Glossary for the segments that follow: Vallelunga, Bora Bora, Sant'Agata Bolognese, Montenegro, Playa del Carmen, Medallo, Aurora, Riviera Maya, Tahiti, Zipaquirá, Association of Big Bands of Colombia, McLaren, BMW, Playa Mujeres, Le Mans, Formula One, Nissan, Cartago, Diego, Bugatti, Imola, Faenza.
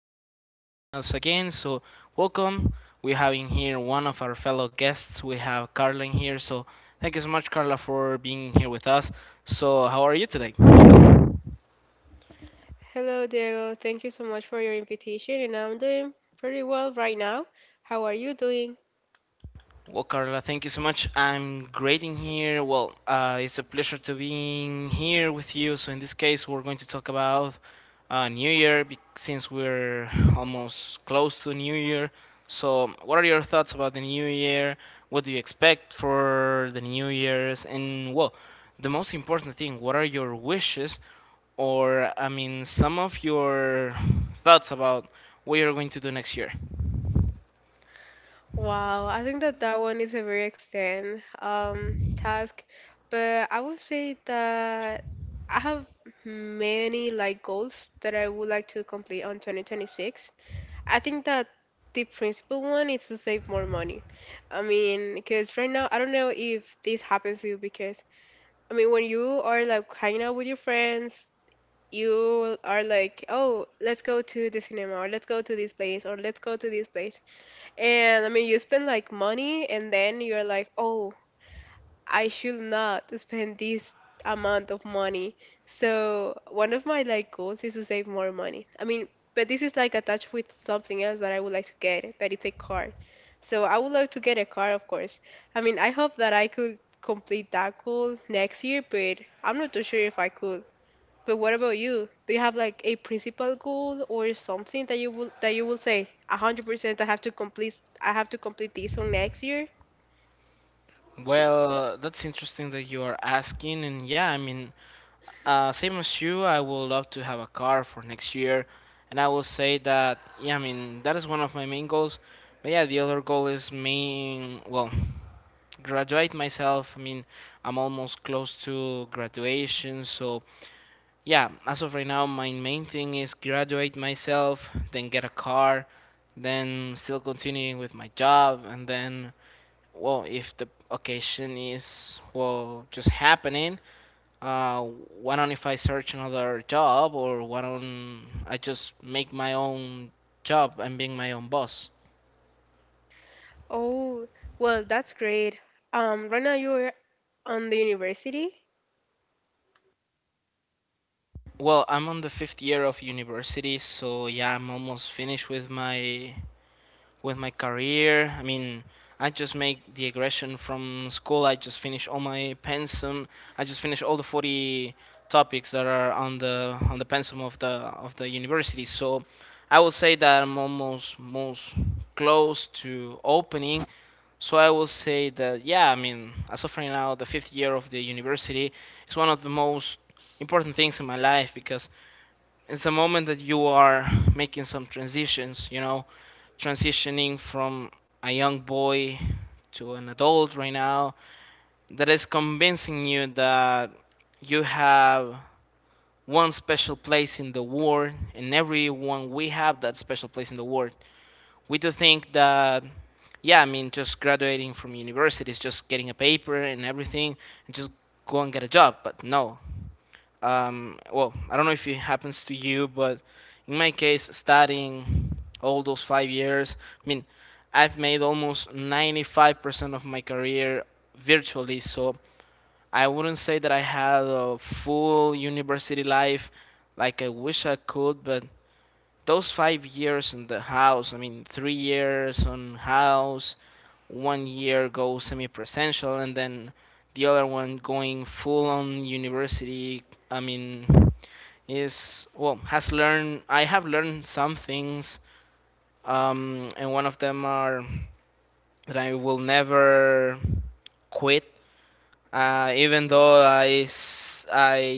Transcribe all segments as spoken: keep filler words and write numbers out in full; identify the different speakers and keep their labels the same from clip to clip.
Speaker 1: for hearing us again. So, welcome. We're having here one of our fellow guests. We have Carla in here. So, thank you so much, Carla, for being here with us. So, how are you today?
Speaker 2: Hello, Diego. Thank you so much for your invitation, and I'm doing pretty well right now. How are you doing?
Speaker 1: Well, Carla, thank you so much. I'm great in here. Well, uh, it's a pleasure to being here with you. So in this case, we're going to talk about uh, New Year bec- since we're almost close to New Year. So, what are your thoughts about the New Year? What do you expect for the New Year's? And well, the most important thing, what are your wishes? Or I mean, some of your thoughts about what you're going to do next year.
Speaker 2: Wow, I think that that one is a very extend um task, but I would say that I have many like goals that I would like to complete on twenty twenty-six. I think that the principal one is to save more money. I mean, because right now I don't know if this happens to you because I mean when you are like hanging out with your friends you are like, oh, let's go to the cinema or let's go to this place or let's go to this place. And I mean, you spend like money and then you're like, oh, I should not spend this amount of money. So one of my like goals is to save more money. I mean, but this is like attached with something else that I would like to get, that it's a car. So I would like to get a car, of course. I mean, I hope that I could complete that goal next year, but I'm not too sure if I could. But what about you? Do you have like a principal goal or something that you will that you will say, "A hundred percent, I have to complete I have to complete this on next year?"
Speaker 1: Well, that's interesting that you are asking, and yeah, I mean, uh, same as you, I would love to have a car for next year, and I will say that yeah, I mean, that is one of my main goals. But yeah, the other goal is main well, graduate myself. I mean, I'm almost close to graduation, so yeah, as of right now, my main thing is graduate myself, then get a car, then still continuing with my job, and then well, if the occasion is well just happening, uh, why don't if I search another job or why don't I just make my own job and being my own boss?
Speaker 2: Oh, well, that's great. Um, right now you're on the university?
Speaker 1: Well, I'm on the fifth year of university, so yeah, I'm almost finished with my with my career. I mean, I just make the aggression from school. I just finish all my pensum. I just finish all the forty topics that are on the on the pensum of the of the university. So I will say that I'm almost most close to opening. So I will say that yeah, I mean, as of right now, the fifth year of the university is one of the most important things in my life because it's the moment that you are making some transitions, you know, transitioning from a young boy to an adult right now that is convincing you that you have one special place in the world and everyone we have that special place in the world. We do think that yeah, I mean, just graduating from university is just getting a paper and everything and just go and get a job. But no, um, well, I don't know if it happens to you, but in my case, studying all those five years, I mean, I've made almost ninety-five percent of my career virtually, so I wouldn't say that I had a full university life like I wish I could, but those five years in the house, I mean, three years on house, one year go semi presential, and then the other one going full on university, I mean, is well has learned. I have learned some things, um, and one of them are that I will never quit, uh, even though I, I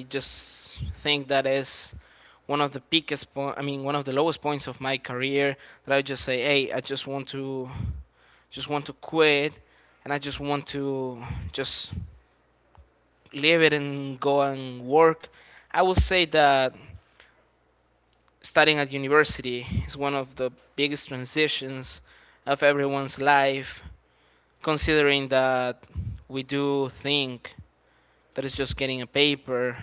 Speaker 1: just think that is one of the peakest point. I mean, one of the lowest points of my career that I just say, hey, I just want to just want to quit and I just want to just leave it and go and work. I will say that studying at university is one of the biggest transitions of everyone's life, considering that we do think that it's just getting a paper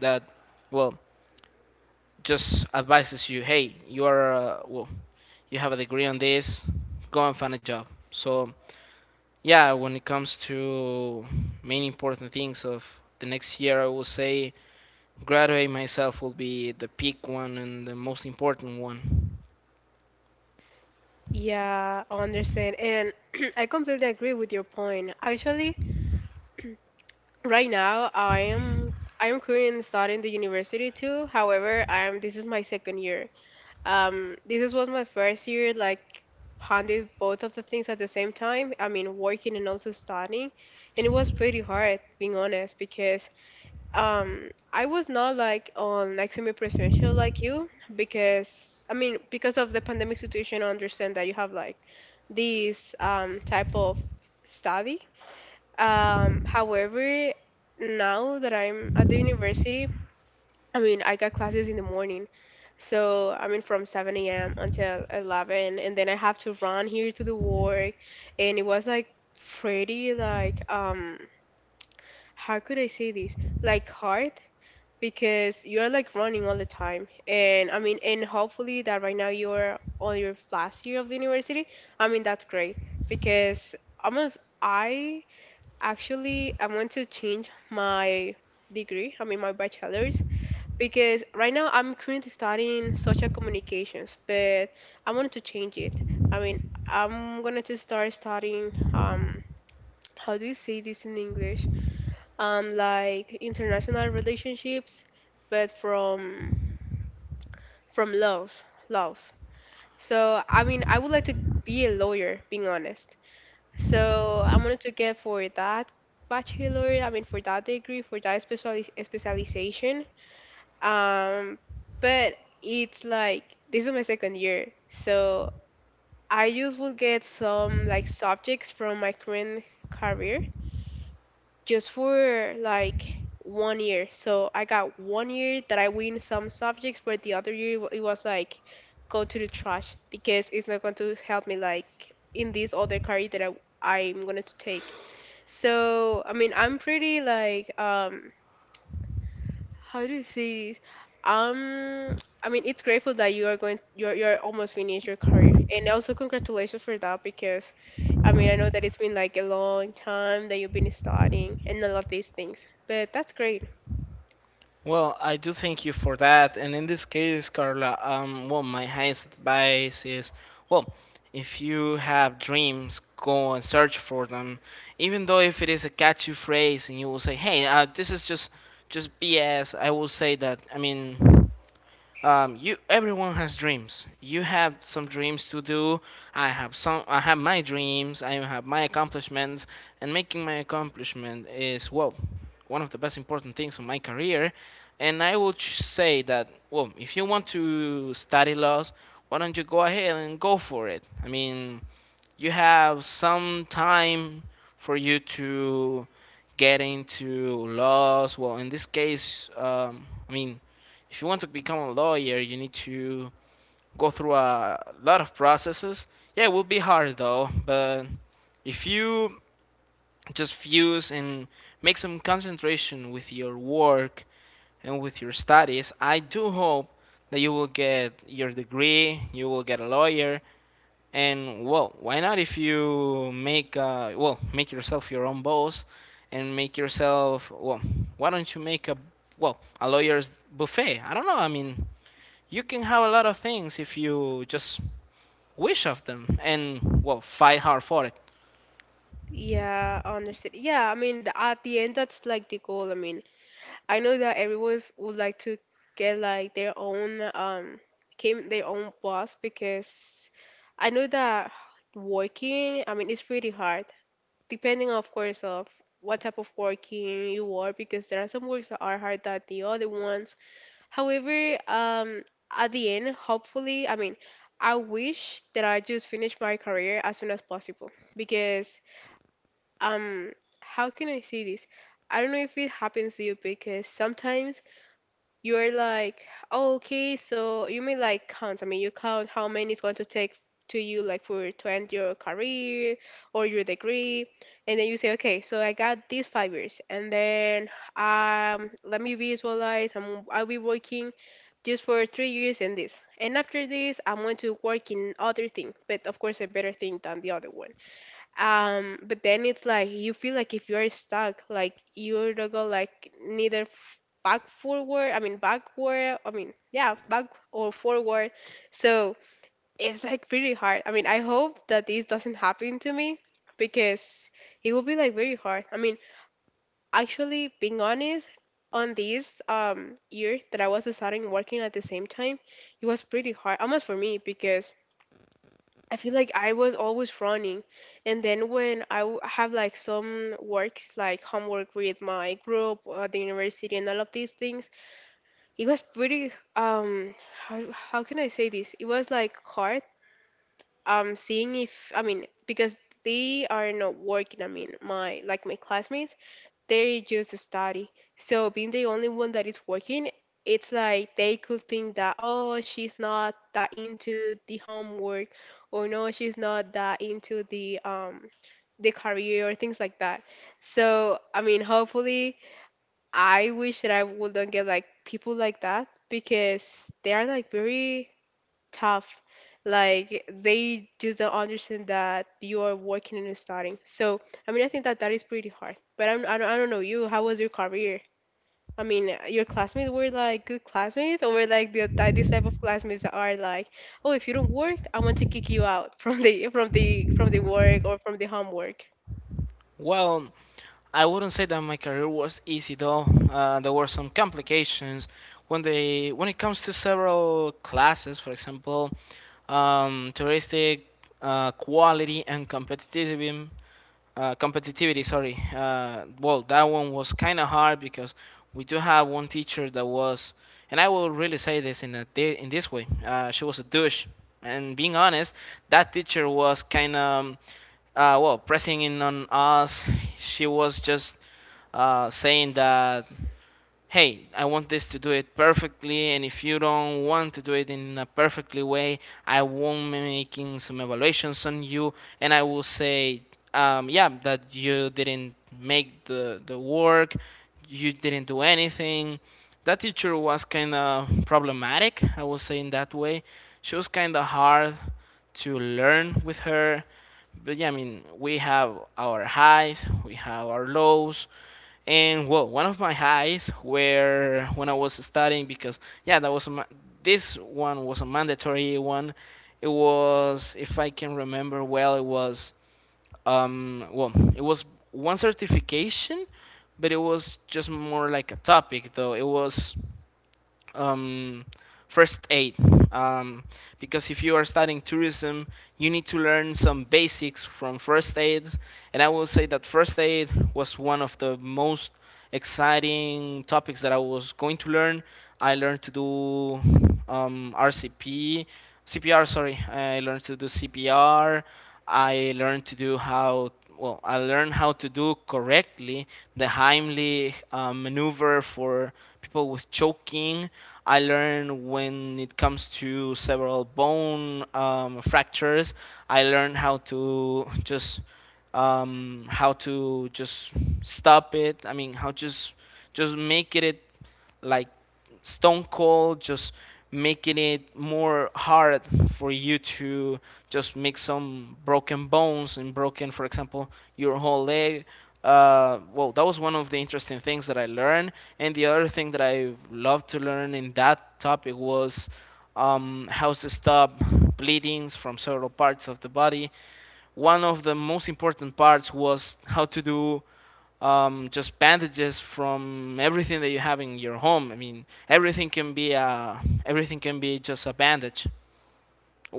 Speaker 1: that, well, just advises you, hey, you are, uh, well, you have a degree on this, go and find a job. So, yeah, when it comes to many important things of the next year, I will say graduating myself will be the peak one and the most important one.
Speaker 2: Yeah, I understand. And I completely agree with your point. Actually, right now I am I am currently studying the university too. However, I am this is my second year. Um, this was my first year, like handling both of the things at the same time. I mean, working and also studying, and it was pretty hard, being honest, because um, I was not like on like semi-presidential like you, because I mean, because of the pandemic situation, I understand that you have like this um type of study. Um, however, now that I'm at the university I mean, I got classes in the morning. So, I mean, from seven a m until eleven. And then I have to run here to the work. And it was like pretty, like, um, how could I say this? Like hard because you're like running all the time. And I mean, and hopefully that right now you're on your last year of the university. I mean, that's great because almost I actually I want to change my degree. I mean, my bachelor's because right now I'm currently studying social communications, but I wanted to change it. I mean, I'm gonna to start studying um how do you say this in English? Um, like international relationships, but from from laws, laws. So I mean, I would like to be a lawyer, being honest. So I wanted to get for that bachelor. I mean, for that degree, for that speciali- specialization. Um, but it's like this is my second year, so I just will get some like subjects from my current career just for like one year. So I got one year that I win some subjects, but the other year wa- it was like go to the trash because it's not going to help me like in this other career that I I'm going to take. So I mean I'm pretty like um how do you say this? Um, I mean, it's grateful that you are going, you're you're almost finished your career, and also congratulations for that because I mean, I know that it's been like a long time that you've been studying and all of these things, but that's great.
Speaker 1: Well, I do thank you for that. And in this case, Carla, um, well, my highest advice is, well, if you have dreams, go and search for them. Even though if it is a catchy phrase and you will say, "Hey, uh, this is just just B S," I will say that. I mean, um, you everyone has dreams. You have some dreams to do. I have some. I have my dreams. I have my accomplishments, and making my accomplishment is well one of the best important things in my career, and I would ch- say that well, if you want to study laws, why don't you go ahead and go for it? I mean, you have some time for you to get into laws. Well, in this case, um, I mean, if you want to become a lawyer, you need to go through a lot of processes. Yeah, it will be hard though, but if you just fuse and make some concentration with your work and with your studies, I do hope that you will get your degree, you will get a lawyer, and well, why not if you make uh, well make yourself your own boss and make yourself well, why don't you make a well a lawyer's buffet? I don't know. I mean, you can have a lot of things if you just wish of them and well fight hard for it.
Speaker 2: Yeah, I understand. Yeah, I mean, the, at the end, that's like the goal. I mean, I know that everyone's would like to get like their own um, came their own boss because I know that working, I mean, it's pretty hard depending of course of what type of working you are because there are some works that are hard than the other ones. However, um at the end, hopefully I mean I wish that I just finish my career as soon as possible because um how can I say this? I don't know if it happens to you because sometimes you're like, "Oh, okay, so you may like count, I mean you count how many it's going to take to you like for to end your career or your degree and then you say okay, so I got these five years and then um let me visualize, i'm i'll be working just for three years in this, and after this I'm going to work in other thing, but of course a better thing than the other one." um but then it's like you feel like if you're stuck, like you're not gonna like neither f- back forward, I mean backward, I mean yeah, back or forward. So it's like pretty hard. I mean, I hope that this doesn't happen to me because it will be like very hard. I mean, actually being honest, on this um year that I was starting working at the same time, it was pretty hard almost for me because I feel like I was always running. And then when I w- have like some works, like homework with my group at the university and all of these things, it was pretty, um, how, how can I say this? It was like hard, um, seeing if, I mean, because they are not working, I mean, my, like my classmates they just study. So being the only one that is working, it's like they could think that, oh, she's not that into the homework, or no, she's not that into the um the career or things like that. So I mean hopefully I wish that I wouldn't get like people like that because they are like very tough. Like they just don't understand that you are working and studying. So I mean, I think that that is pretty hard. But I'm, I don't, I don't know you. How was your career? I mean, your classmates were like good classmates, or were like the ty- this type of classmates that are like, oh, if you don't work, I want to kick you out from the from the from the work or from the homework.
Speaker 1: Well, I wouldn't say that my career was easy though. Uh, there were some complications when they when it comes to several classes, for example, um, touristic uh, quality and competitivism, uh, competitivity sorry. Uh, well, that one was kind of hard because we do have one teacher that was, and I will really say this in a thi- in this way, uh, she was a douche. And being honest, that teacher was kind of um, uh, well pressing in on us. She was just uh, saying that hey, I want this to do it perfectly, and if you don't want to do it in a perfectly way, I will be making some evaluations on you, and I will say, um, yeah, that you didn't make the, the work, you didn't do anything. That teacher was kind of problematic, I will say in that way. She was kind of hard to learn with her. But yeah, I mean, we have our highs, we have our lows, and well, one of my highs were when I was studying because yeah, that was a, this one was a mandatory one. It was, if I can remember well, it was um well, it was one certification, but it was just more like a topic though. It was um, first aid, um, because if you are studying tourism you need to learn some basics from first aids, and I will say that first aid was one of the most exciting topics that I was going to learn. I learned to do um, R C P C P R sorry. I learned to do C P R. I learned to do how well, I learned how to do correctly the Heimlich uh, maneuver for people with choking. I learned when it comes to several bone um, fractures. I learned how to just um, how to just stop it. I mean, how just just make it it like stone cold just making it more hard for you to just make some broken bones and broken, for example, your whole leg. Uh, well, that was one of the interesting things that I learned. And the other thing that I loved to learn in that topic was um, how to stop bleedings from several parts of the body. One of the most important parts was how to do um, just bandages from everything that you have in your home. I mean, everything can be a, everything can be just a bandage.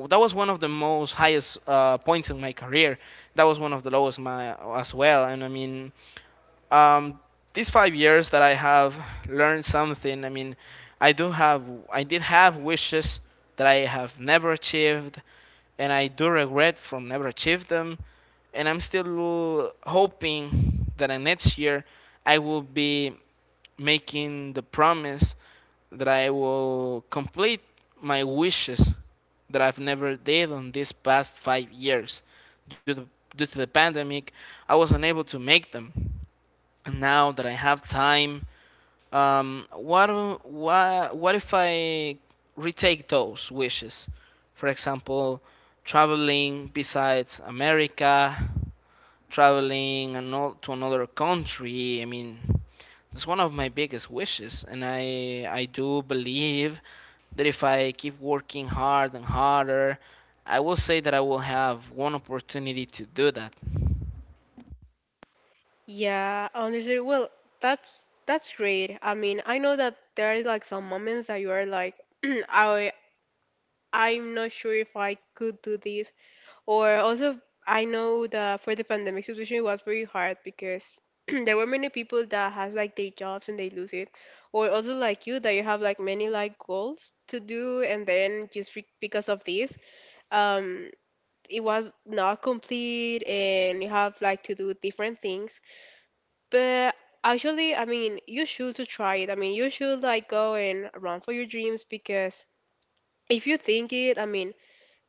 Speaker 1: That was one of the most highest uh, points in my career. That was one of the lowest my as well. And I mean, um, these five years that I have learned something. I mean, I do have, I did have wishes that I have never achieved, and I do regret from never achieved them. And I'm still hoping that in next year I will be making the promise that I will complete my wishes that I've never did on these past five years. Due to, due to the pandemic, I was unable to make them. And now that I have time, um, what what what if I retake those wishes? For example, traveling besides America, traveling ano- to another country. I mean, it's one of my biggest wishes, and I I do believe that if I keep working hard and harder, I will say that I will have one opportunity to do that.
Speaker 2: Yeah, honestly, well, that's that's great. I mean, I know that there is like some moments that you are like, I I'm not sure if I could do this. Or also, I know that for the pandemic situation, it was very hard because there were many people that has like their jobs and they lose it, or also like you that you have like many like goals to do, and then just re- because of this, um, it was not complete, and you have like to do different things. But actually, I mean, you should to try it. I mean, you should like go and run for your dreams because if you think it, I mean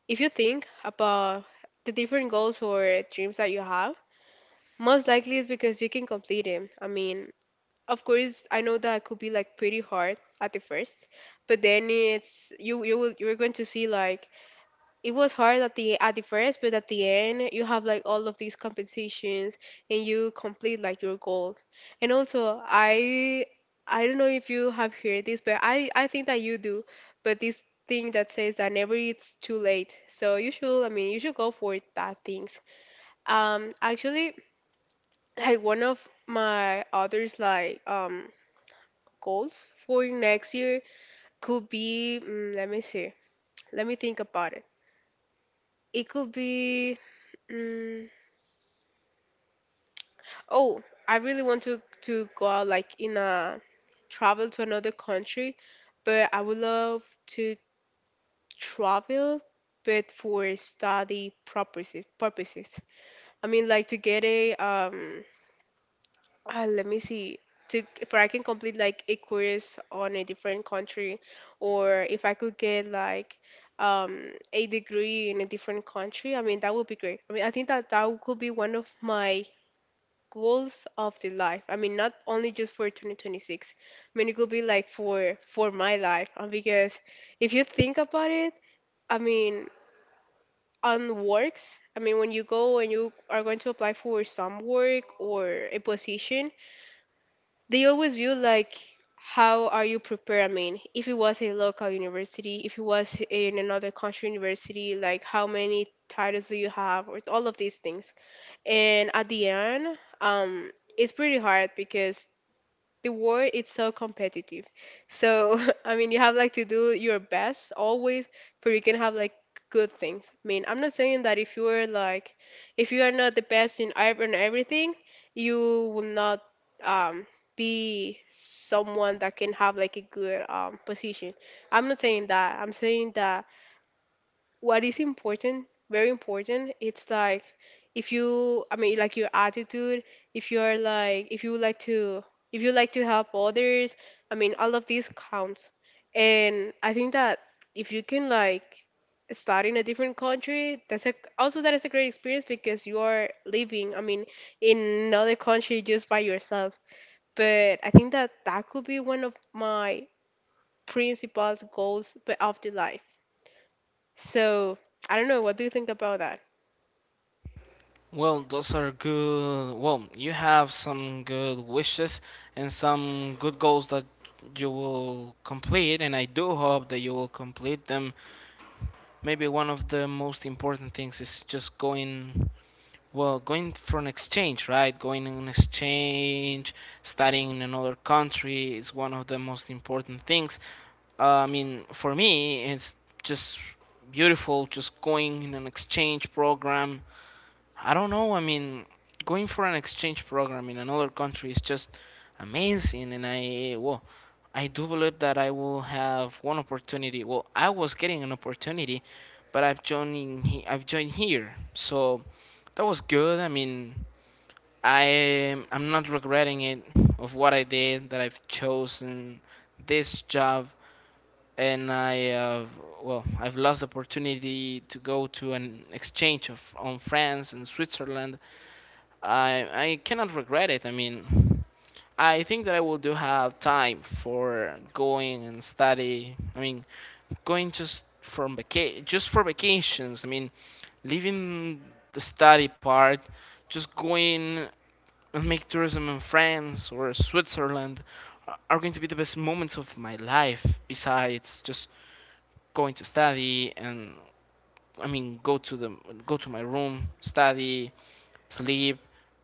Speaker 2: if you think about the different goals or dreams that you have, most likely it's because you can complete them. I mean, of course, I know that it could be like pretty hard at the first, but then it's you you will you're going to see like it was hard at the at the first, but at the end you have like all of these compensations and you complete like your goal. And also I I don't know if you have heard this, but I I think that you do. But this thing that says that never it's too late. So you should I mean you should go for that things. Um actually like one of my others like um goals for next year could be mm, let me see. Let me think about it. It could be mm, oh, I really want to to go out like in a travel to another country, but I would love to travel, but for study purposes. Purposes. I mean, like to get a um. Uh, let me see. To if I can complete like a course on a different country, or if I could get like um a degree in a different country. I mean, that would be great. I mean, I think that that could be one of my goals of the life. I mean, not only just for twenty twenty-six. I mean, it could be like for for my life uh, because if you think about it, I mean, on works. I mean, when you go and you are going to apply for some work or a position, they always view like how are you prepared? I mean, if it was a local university, if it was in another country university, like how many titles do you have, or all of these things. And at the end, um, it's pretty hard because the world is so competitive. So I mean, you have like to do your best always, for you can have like good things. I mean, I'm not saying that if you are like, if you are not the best in ev- in everything, you will not um be someone that can have like a good um position. I'm not saying that. I'm saying that what is important, very important, it's like if you, i mean, like your attitude, if you're like, if you like to, if you like to help others. I mean, all of these counts. And I think that if you can like start in a different country, that's a, also that is a great experience because you are living, I mean, in another country just by yourself. But I think that that could be one of my principal goals of the life. So I don't know. What do you think about that?
Speaker 1: Well, those are good. Well, you have some good wishes and some good goals that you will complete, and I do hope that you will complete them. Maybe one of the most important things is just going, well, going for an exchange, right? Going on exchange, studying in another country is one of the most important things. Uh, I mean, for me, it's just beautiful just going in an exchange program. I don't know. I mean, going for an exchange program in another country is just amazing, and I well, I do believe that I will have one opportunity. Well, I was getting an opportunity, but I've joining he- I've joined here, so that was good. I mean, I I'm not regretting it of what I did that I've chosen this job, and I uh, well I've lost the opportunity to go to an exchange of on France and Switzerland. I I cannot regret it. I mean, I think that I will do have time for going and study. I mean, going just from vaca- just for vacations. I mean, leaving the study part, just going and make tourism in France or Switzerland a- are going to be the best moments of my life. Besides just going to study and I mean go to the go to my room, study, sleep,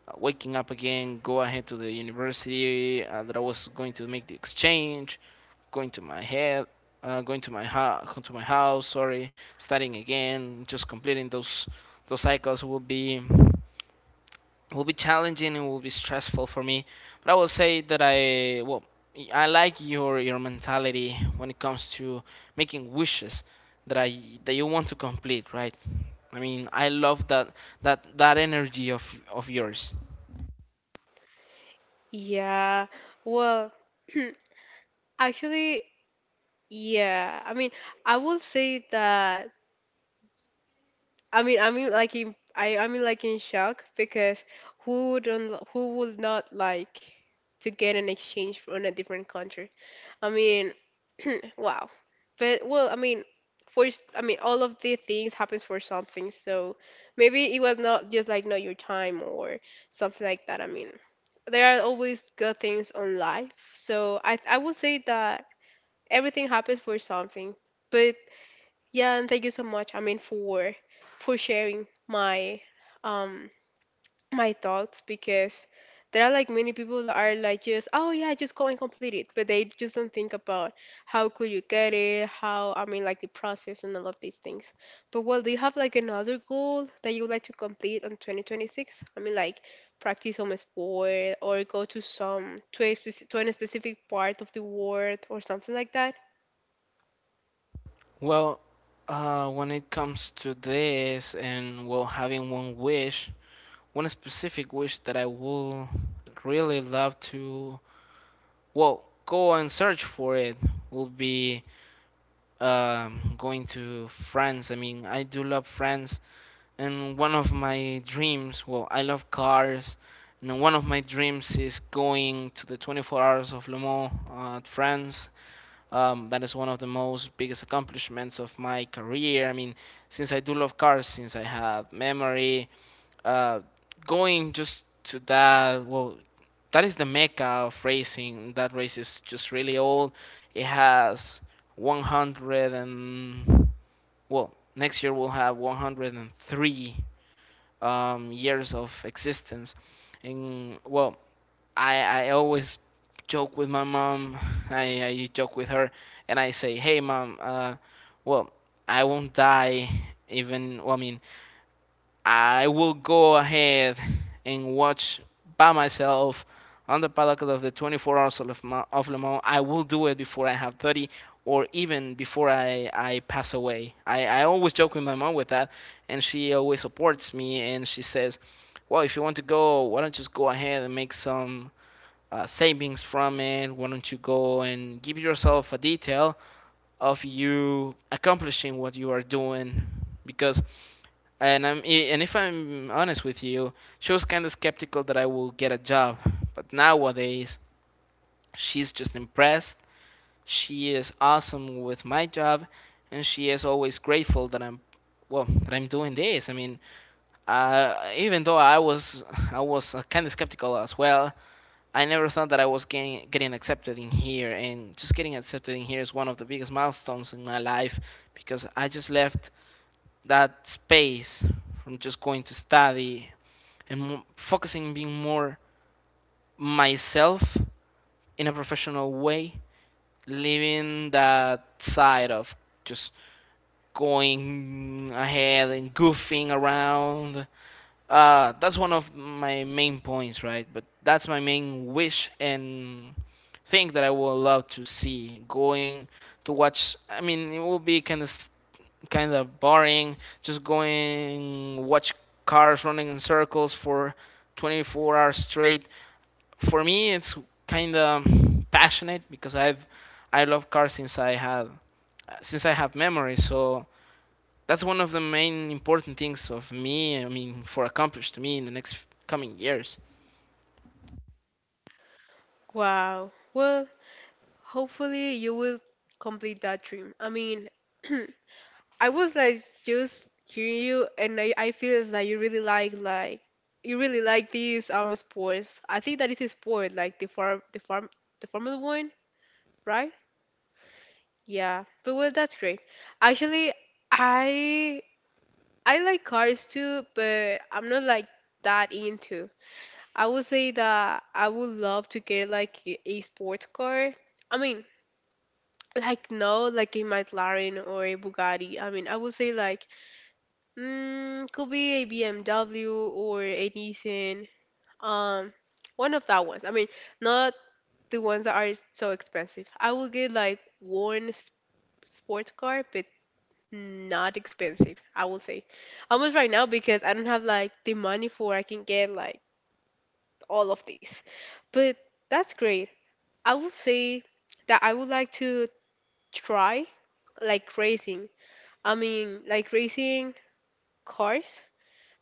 Speaker 1: uh, waking up again, go ahead to the university uh, that I was going to make the exchange, going to my head, uh, going to my ho- to my house. Sorry, studying again, just completing those those cycles will be it will be challenging. It will be stressful for me, but I will say that i well I like your your mentality when it comes to making wishes that i that you want to complete, right? I mean, I love that that that energy of of yours.
Speaker 2: Yeah. Well, actually, yeah. I mean, I will say that. I mean, I mean, like in, I, I mean, like in shock because who don't, who would not like to get an exchange from a different country? I mean, wow. But well, I mean, for s- I mean, all of the things happens for something. So maybe it was not just like not your time or something like that. I mean, there are always good things on life. So I I would say that everything happens for something. But yeah, and thank you so much. I mean, for for sharing my um my thoughts, because there are like many people that are like just, oh yeah, just go and complete it, but they just don't think about how could you get it, how, I mean, like the process and all of these things. But well, do you have like another goal that you would like to complete on twenty twenty-six? I mean, like practice some sport or go to some, to a, spec- to a specific part of the world or something like that?
Speaker 1: Well, uh when it comes to this, and well, having one wish one specific wish that I will really love to, well, go and search for, it will be um, going to France. I mean, I do love France, and one of my dreams. Well, I love cars, and one of my dreams is going to the twenty-four Hours of Le Mans, uh, France, um, that is one of the most biggest accomplishments of my career. I mean, since I do love cars, since I have memory, uh, going just to that, well, that is the mecca of racing. That race is just really old. It has one hundred and, well, next year we'll have one hundred three um, years of existence. And well, I I always joke with my mom. I, I joke with her, and I say, "Hey, mom. Uh, well, I won't die. Even well, I mean, I will go ahead and watch by myself on the paddock of the twenty-four hours of Le of Le Mans. I will do it before I have thirty or even before I, I pass away. I, I always joke with my mom with that, and she always supports me and she says, well, if you want to go, why don't you just go ahead and make some uh, savings from it? Why don't you go and give yourself a detail of you accomplishing what you are doing?" Because and I'm and if I'm honest with you, she was kind of skeptical that I will get a job. But nowadays, she's just impressed. She is awesome with my job, and she is always grateful that I'm well that I'm doing this. I mean, uh, even though I was I was kind of skeptical as well. I never thought that I was getting getting accepted in here, and just getting accepted in here is one of the biggest milestones in my life because I just left that space from just going to study and mo- focusing on being more myself in a professional way, leaving that side of just going ahead and goofing around. Uh, that's one of my main points, right? But that's my main wish and thing that I would love to see going to watch. I mean, it will be kind of kind of boring just going watch cars running in circles for twenty-four hours straight. For me it's kind of passionate because I've I love cars since I have, since I have memory. So that's one of the main important things of me. I mean, for accomplished to me in the next coming years.
Speaker 2: Wow. Well, hopefully you will complete that dream. I mean, I was like just hearing you, and I, I feel it's like you really like like you really like these um sports. I think that is a sport like the farm the farm the Formula One, right? Yeah, but well, that's great. Actually, I I like cars too, but I'm not like that into. I would say that I would love to get like a a sports car. I mean, like no, like a McLaren or a Bugatti. I mean, I would say like, mm, could be a B M W or a Nissan. Um, One of that ones. I mean, not the ones that are so expensive. I will get like one s- sports car, but not expensive. I will say, almost right now because I don't have like the money for I can get like all of these. But that's great. I will say that I would like to try like racing. I mean, like racing cars,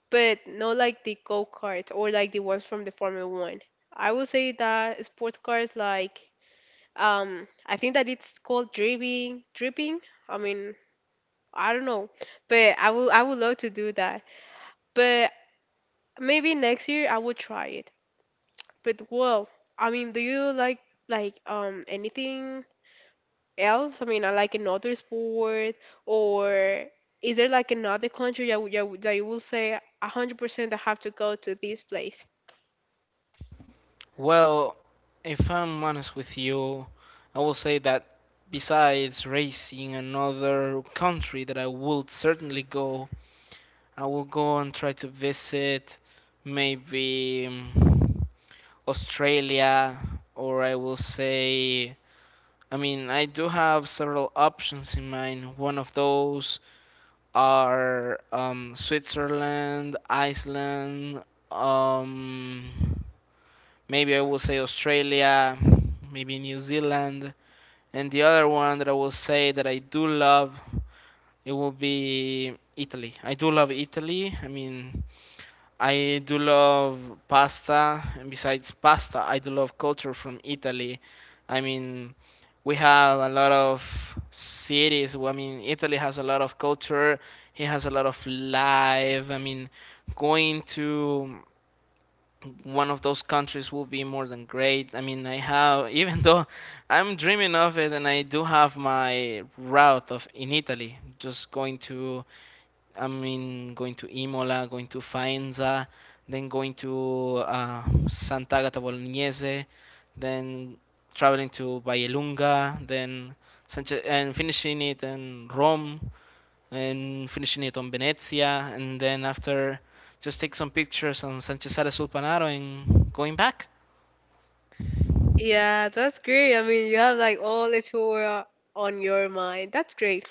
Speaker 2: but not like the go karts or like the ones from the Formula One. I would say that sports cars, like, um, I think that it's called dripping, dripping. I mean, I don't know, but I will, I would love to do that. But maybe next year I will try it. But well, I mean, do you like like um anything else? I mean, I like another sport, or is there like another country that you, that you will say one hundred percent I have to go to this place?
Speaker 1: Well, if I'm honest with you, I will say that besides racing another country that I would certainly go, I will go and try to visit maybe um, Australia, or I will say I mean, I do have several options in mind. One of those are um, Switzerland, Iceland, um, maybe I will say Australia, maybe New Zealand. And the other one that I will say that I do love, it will be Italy. I do love Italy. I mean, I do love pasta, and besides pasta, I do love culture from Italy. I mean, we have a lot of cities. Well, I mean, Italy has a lot of culture. It has a lot of life. I mean, going to one of those countries will be more than great. I mean, I have even though I'm dreaming of it, and I do have my route of in Italy, just going to I mean, going to Imola, going to Faenza, then going to uh, Sant'Agata Bolognese, then traveling to Vallelunga, then Sanche- and finishing it in Rome, and finishing it on Venezia, and then after just take some pictures on Sanchez Ares Sulpanaro and going back.
Speaker 2: Yeah, that's great. I mean, you have like all the Torah on your mind. That's great.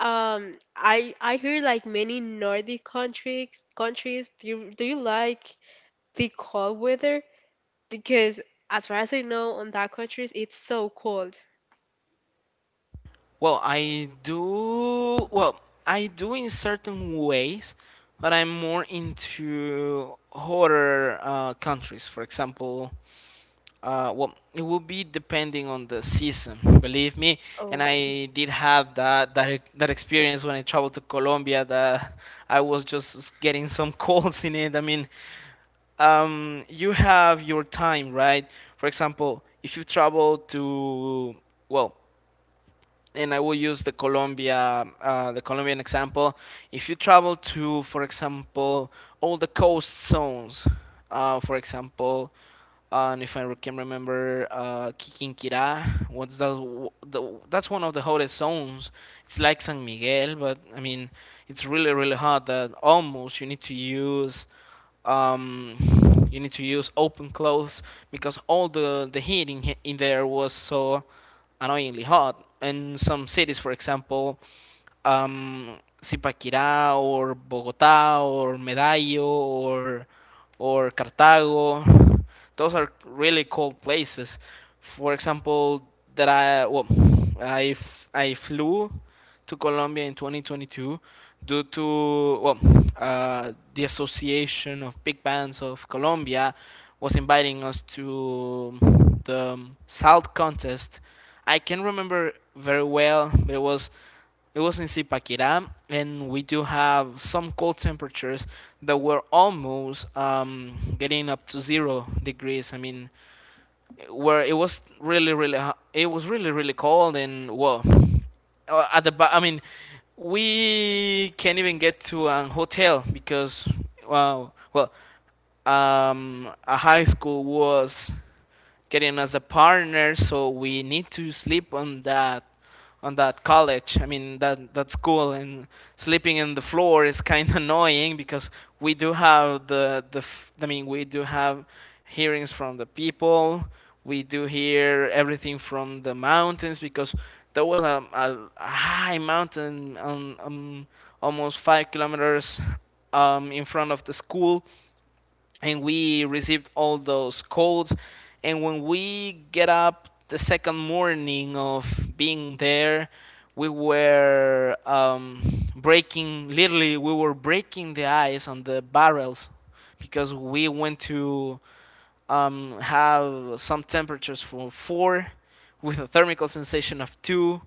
Speaker 2: Um, I I hear like many Nordic countries countries. Do you do you like the cold weather? Because as far as I know, on that countries it's so cold.
Speaker 1: Well, I do. Well, I do in certain ways, but I'm more into horror uh, countries. For example, uh, well, it will be depending on the season. Believe me, and
Speaker 2: Oh.
Speaker 1: I did have that that e- that experience when I traveled to Colombia. That I was just getting some calls in it. I mean, um, you have your time, right? For example, if you travel to, well, and I will use the Colombia, uh, the Colombian example. If you travel to, for example, all the coast zones, uh, for example, and if I can remember, uh, Quiquinquirá. What's that? The that's one of the hottest zones. It's like San Miguel, but I mean, it's really really hot. That almost you need to use, um, you need to use open clothes because all the the heat in, in there was so annoyingly hot. And some cities, for example, um, Zipaquirá or Bogotá or Medallo or or Cartago. Those are really cold places. For example, that I well, I f- I flew to Colombia in twenty twenty-two due to, well, uh, the Association of Big Bands of Colombia was inviting us to the Salt contest. I can remember very well, but it was it was in Zipaquirá, and we do have some cold temperatures that were almost um, getting up to zero degrees. I mean, where it was really, really, ho- it was really, really cold, and well, uh, at the ba- I mean, we can't even get to an hotel because, well, well, um, a high school was getting us the partner. So we need to sleep on that on that college. I mean, that that school, and sleeping in the floor is kind of annoying because we do have the the f- I mean, we do have hearings from the people. We do hear everything from the mountains because there was a, a, a high mountain on um, almost five kilometers um, in front of the school, and we received all those calls, and when we get up the second morning of being there we were um, breaking literally we were breaking the ice on the barrels because we went to um, have some temperatures from four with a thermical sensation of two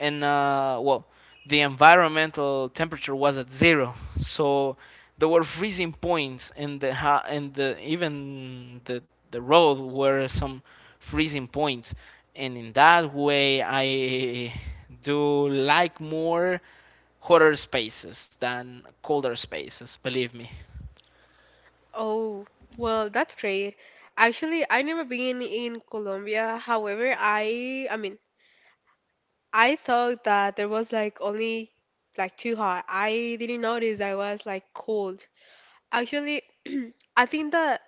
Speaker 1: and, uh, well, the environmental temperature was at zero, so there were freezing points, and the ha- and the even the the road were some freezing points. And in that way I do like more hotter spaces than colder spaces, believe me.
Speaker 2: Oh, well, that's great. Actually, I never been in Colombia. However, I I mean, I thought that there was like only like too hot. I didn't notice I was like cold. Actually, I think that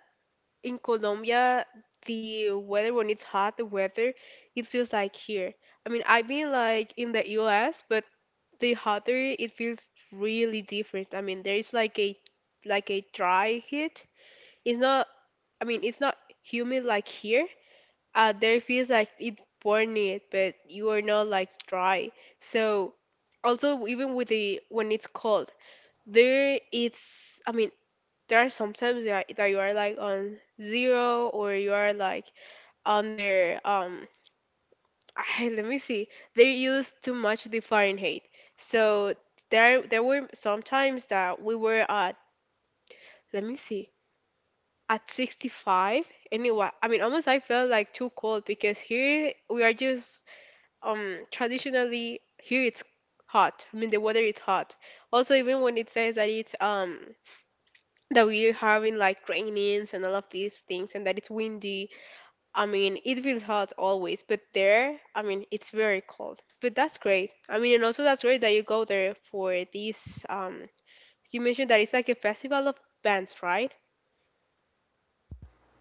Speaker 2: in Colombia, the weather when it's hot, the weather, it's just like here. I mean, I've been like in the U S, but the hotter it feels really different. I mean, there is like a, like a dry heat. It's not, I mean, it's not humid like here. Uh, there it feels like it burn it, but you are not like dry. So also even with the, when it's cold there, it's, I mean, there are sometimes you are, that you are like on zero, or you are like on their, um, I, let me see, they use too much the Fahrenheit. So there there were some times that we were at, let me see, at sixty-five. Anyway, I mean, almost I felt like too cold, because here we are just, um, traditionally here it's hot. I mean, the weather is hot also even when it says that it's, um, that we're having like rainings and all of these things and that it's windy. I mean, it feels hot always, but there, I mean, it's very cold. But that's great. I mean, and also that's great that you go there for these. Um, you mentioned that it's like a festival of bands, right?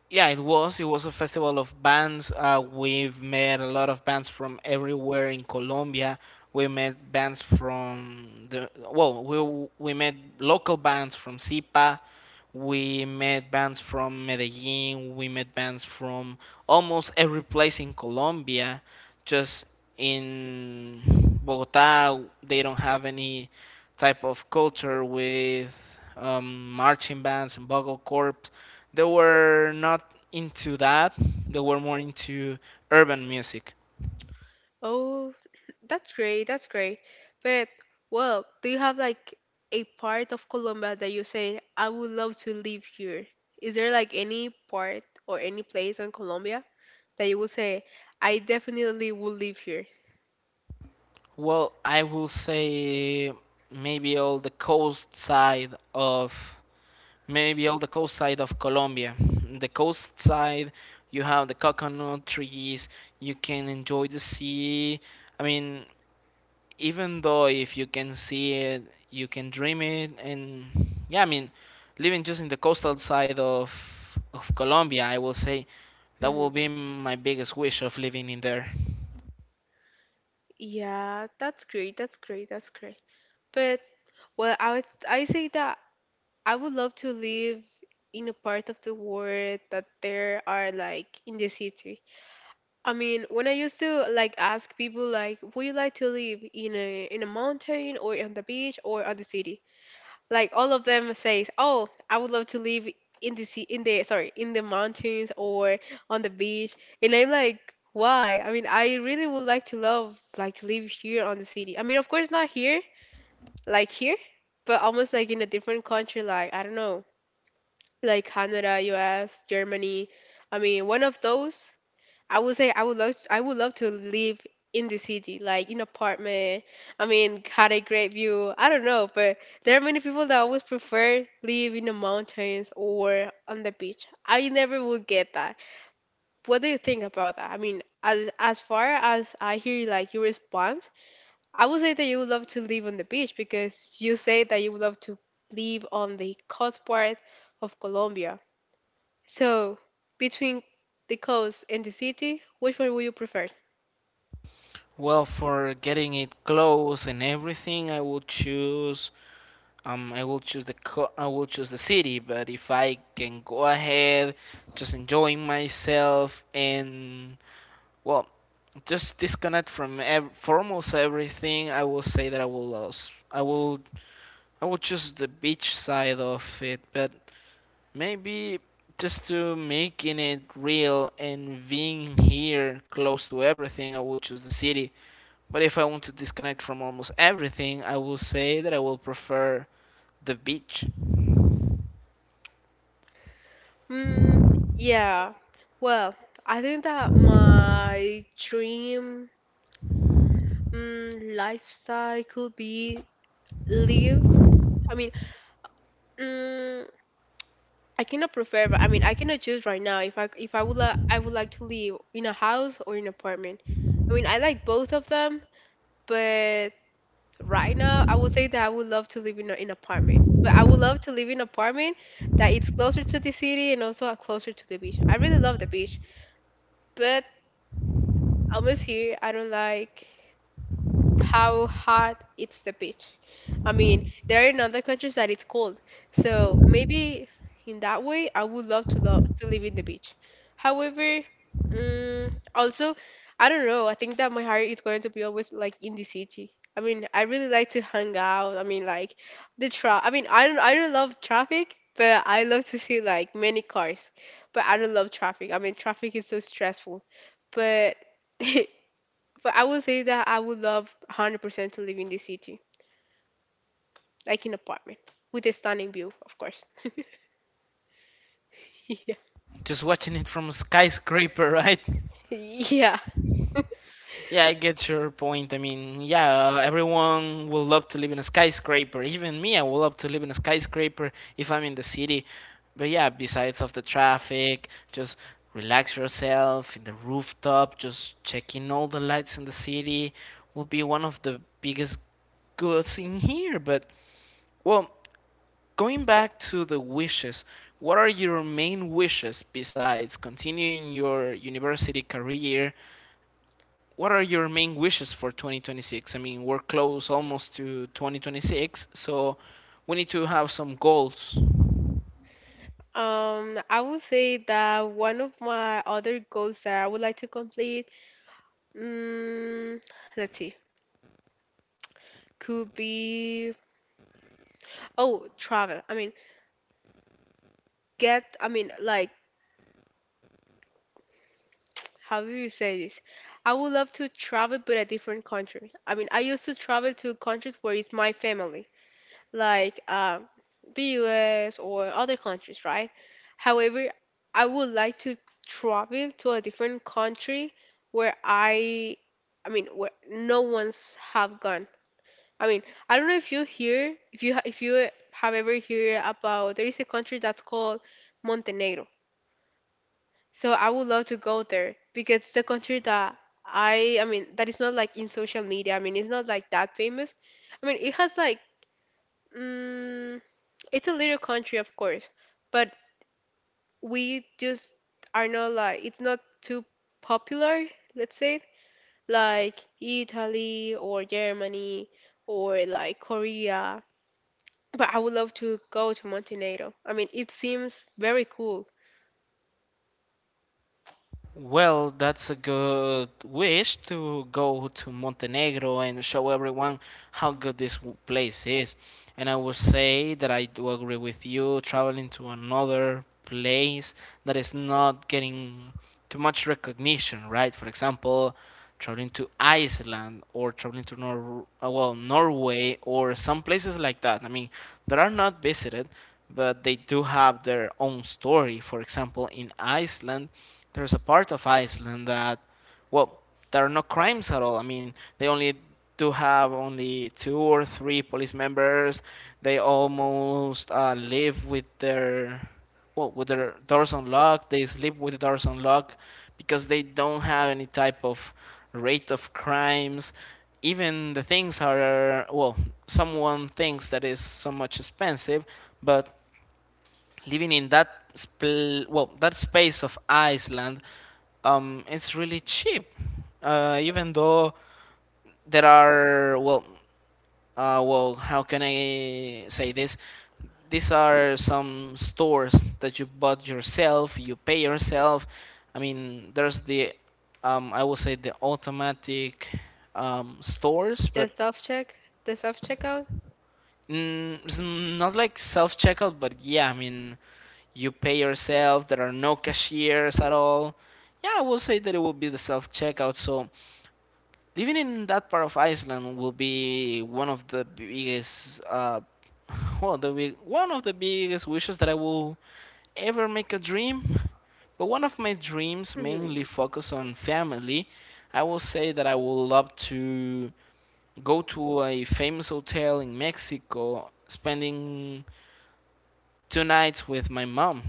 Speaker 1: Yeah, it was. It was a festival of bands. Uh, we've met a lot of bands from everywhere in Colombia. We met bands from the well, we w- we met local bands from Sipa. We met bands from Medellin. We met bands from almost every place in Colombia. Just in Bogota, they don't have any type of culture with um, marching bands and bugle corps. They were not into that. They were more into urban music.
Speaker 2: Oh, that's great. That's great. But well, do you have like a part of Colombia that you say, I would love to live here? Is there like any part or any place in Colombia that you would say, I definitely would live here?
Speaker 1: Well, I will say maybe all the coast side of maybe all the coast side of Colombia. The coast side, you have the coconut trees. You can enjoy the sea. I mean, even though if you can see it, you can dream it, and yeah, I mean, living just in the coastal side of of Colombia, I will say that will
Speaker 2: Hmm.
Speaker 1: be my biggest wish of living in there.
Speaker 2: Yeah, that's great. That's great. That's great. But well, I would I say that I would love to live in a part of the world that there are like in the city. I mean, when I used to like ask people like, would you like to live in a, in a mountain or on the beach or at the city? Like all of them says, oh, I would love to live in the sea in the, sorry, in the mountains or on the beach. And I'm like, why? I mean, I really would like to love, like to live here on the city. I mean, of course not here like here, but almost like in a different country, like, I don't know, like Canada, US, Germany, I mean, one of those. I would say I would love, I would love to live in the city, like in apartment. I mean, had a great view. I don't know, but there are many people that always prefer live in the mountains or on the beach. I never would get that. What do you think about that? I mean, as as far as I hear like your response, I would say that you would love to live on the beach, because you say that you would love to live on the coast part of Colombia. So between the coast and the city, which one would you prefer?
Speaker 1: Well, for getting it close and everything, I will choose. Um, I will choose the co- I will choose the city, but if I can go ahead, just enjoying myself and, well, just disconnect from ev- for almost everything, I will say that I will lose. I will I will choose the beach side of it, but maybe just to making it real and being here close to everything, I will choose the city. But if I want to disconnect from almost everything, I will say that I will prefer the beach.
Speaker 2: Mm, yeah. Well, I think that my dream, mm, lifestyle could be live. I mean, mm, I cannot prefer, but I mean, I cannot choose right now if I, if I would like, I would like to live in a house or in an apartment. I mean, I like both of them, but right now I would say that I would love to live in a, in apartment. But I would love to live in an apartment that it's closer to the city and also closer to the beach. I really love the beach, but almost here I don't like how hot it's the beach. I mean, there are in other countries that it's cold. So maybe in that way, I would love to lo- to live in the beach. However, mm, also, I don't know. I think that my heart is going to be always like in the city. I mean, I really like to hang out. I mean, like the tra. I mean, I don't. I don't love traffic, but I love to see like many cars. But I don't love traffic. I mean, traffic is so stressful. But but I would say that I would love one hundred percent to live in the city, like in apartment with a stunning view, of course. Yeah.
Speaker 1: Just watching it from a skyscraper, right?
Speaker 2: Yeah.
Speaker 1: Yeah, I get your point. I mean, yeah, uh, everyone would love to live in a skyscraper. Even me, I would love to live in a skyscraper if I'm in the city. But yeah, besides of the traffic, just relax yourself in the rooftop, just checking all the lights in the city will be one of the biggest goods in here. But well, going back to the wishes, what are your main wishes besides continuing your university career, what are your main wishes for twenty twenty-six? I mean, we're close almost to twenty twenty-six, so we need to have some goals.
Speaker 2: Um, I would say that one of my other goals that I would like to complete, mm, let's see, could be, oh, travel. I mean, get, I mean, like, how do you say this? I would love to travel, but a different country. I mean, I used to travel to countries where it's my family, like, um, the U S or other countries, right? However, I would like to travel to a different country where I, I mean, where no one's have gone. I mean, I don't know if you hear, if you ha- if you have ever heard about, there is a country that's called Montenegro. So I would love to go there because it's a country that I, I mean, that is not like in social media. I mean, it's not like that famous. I mean, it has like, mm, it's a little country, of course, but we just are not like, it's not too popular. Let's say like Italy or Germany or like Korea. But I would love to go to Montenegro. I mean, it seems very cool.
Speaker 1: Well, that's a good wish to go to Montenegro and show everyone how good this place is. And I would say that I do agree with you, traveling to another place that is not getting too much recognition, right? For example, traveling to Iceland or traveling to Nor uh, well Norway or some places like that. I mean, that are not visited, but they do have their own story. For example, in Iceland, there's a part of Iceland that, well, there are no crimes at all. I mean, they only do have only two or three police members. They almost uh, live with their, well, with their doors unlocked, they sleep with the doors unlocked because they don't have any type of rate of crimes. Even the things are, well, someone thinks that is so much expensive, but living in that spl- well that space of Iceland, um, it's really cheap. Uh, even though there are, well, uh, well, how can I say this? These are some stores that you bought yourself, you pay yourself. I mean, there's the, um, I would say, the automatic um, stores,
Speaker 2: The
Speaker 1: but
Speaker 2: self check, the self checkout.
Speaker 1: mm, it's not like self checkout, but yeah, I mean, you pay yourself, there are no cashiers at all. Yeah, I would say that it will be the self checkout. So living in that part of Iceland will be one of the biggest, uh, well, the big, one of the biggest wishes that I will ever make a dream. But one of my dreams
Speaker 2: Mhm.
Speaker 1: mainly focus on family. I will say that I would love to go to a famous hotel in Mexico, spending two nights with my mom.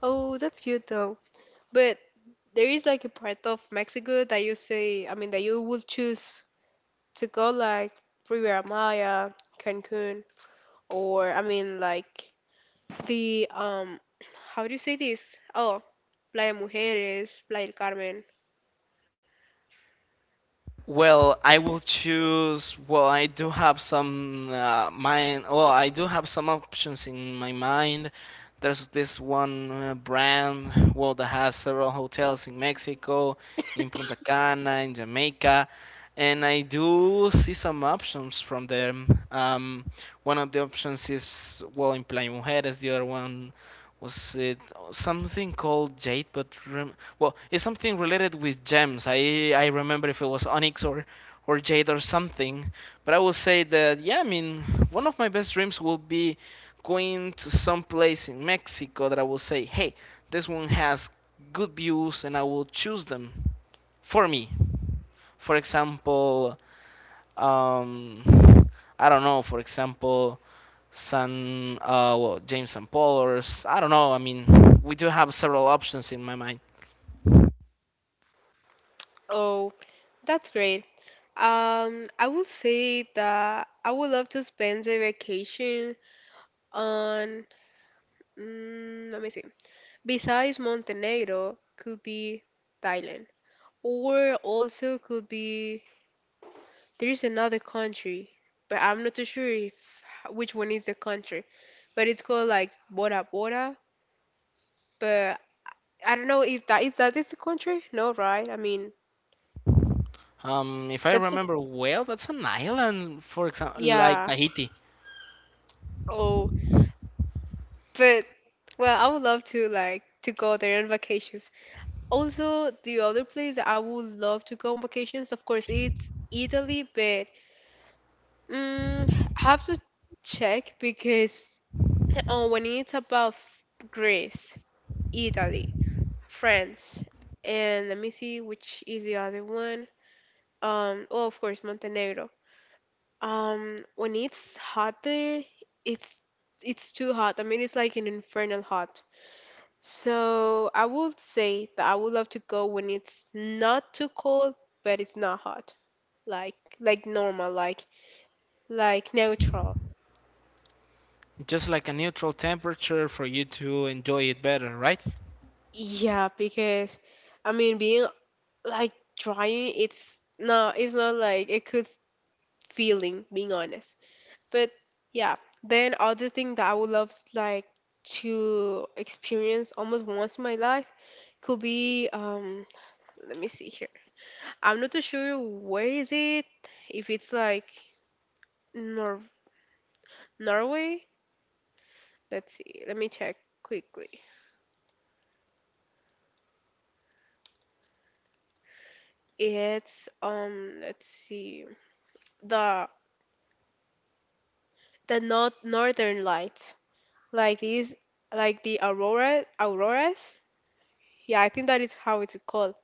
Speaker 2: Oh, that's cute though. But there is like a part of Mexico that you say, I mean, that you will choose to go, like Riviera Maya, Cancun, or, I mean, like the, um, how do you say this? Oh, Playa Mujeres, Playa del Carmen.
Speaker 1: Well, I will choose. Well, I do have some uh, mind. Well, I do have some options in my mind. There's this one uh, brand, well, that has several hotels in Mexico, in Punta Cana, in Jamaica, and I do see some options from them. Um, one of the options is, well, in Playa Mujeres, the other one was, it something called jade, but rem- well it's something related with gems. I i remember if it was onyx or or jade or something, but I will say that, yeah, I mean, one of my best dreams will be going to some place in Mexico that I will say, hey, this one has good views and I will choose them for me. For example, um, I don't know, for example, San uh, well, James and Paul, or s- I don't know. I mean, we do have several options in my mind.
Speaker 2: Oh, that's great. Um, I would say that I would love to spend a vacation on, mm, let me see. Besides Montenegro, could be Thailand, or also could be, there's another country, but I'm not too sure if which one is the country, but it's called like Bora Bora. But I don't know if that is, that is the country. No, right? I mean,
Speaker 1: Um, if I
Speaker 2: that's it.
Speaker 1: remember well, that's an island, for example, like
Speaker 2: Yeah.
Speaker 1: Tahiti,
Speaker 2: Oh. But well, I would love to like to go there on vacations. Also, the other place that I would love to go on vacations, of course, it's Italy, but mm, I have to check because, uh, when it's about Greece, Italy, France, and let me see which is the other one. Um, oh, of course, Montenegro. Um, when it's hot there, it's it's too hot. I mean, it's like an infernal hot. So I would say that I would love to go when it's not too cold, but it's not hot. Like like normal, like like neutral.
Speaker 1: just like a neutral temperature for you to enjoy it better, right?
Speaker 2: Yeah, because I mean being like drying, it's not, it's not like a good feeling, being honest. But yeah, then other thing that I would love like to experience almost once in my life could be, um, let me see here. I'm not too sure where is it, if it's like Nor- Norway. Let's see. Let me check quickly. It's, um, let's see. The, the north northern lights, like these, like the aurora auroras. Yeah, I think that is how it's called.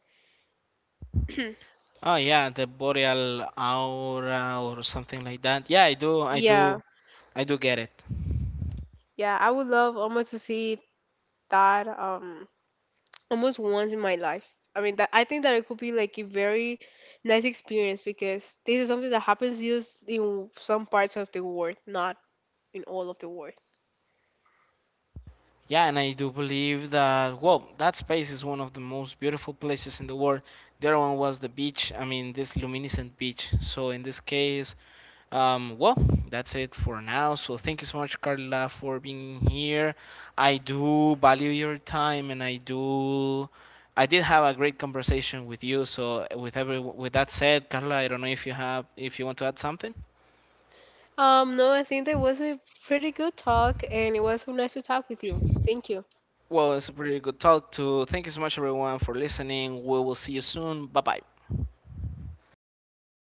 Speaker 1: Oh yeah, the boreal aura or something like that. Yeah, I do, I
Speaker 2: Yeah,
Speaker 1: do, I do get it.
Speaker 2: yeah, I would love almost to see that, um, almost once in my life. I mean, that I think that it could be like a very nice experience because this is something that happens used in some parts of the world, not in all of the world.
Speaker 1: Yeah, and I do believe that, well, that space is one of the most beautiful places in the world. The other one was the beach, I mean, this luminescent beach. So, in this case, um, well, that's it for now. So, thank you so much, Carla, for being here. I do value your time and I do. I did have a great conversation with you. So, with every with that said, Carla, I don't know if you have if you want to add something.
Speaker 2: Um, no, I think that was a pretty good talk, and it was so nice to talk with you. Thank you.
Speaker 1: Well, it's a pretty good talk. To Thank you so much, everyone, for listening. We will see you soon. Bye bye.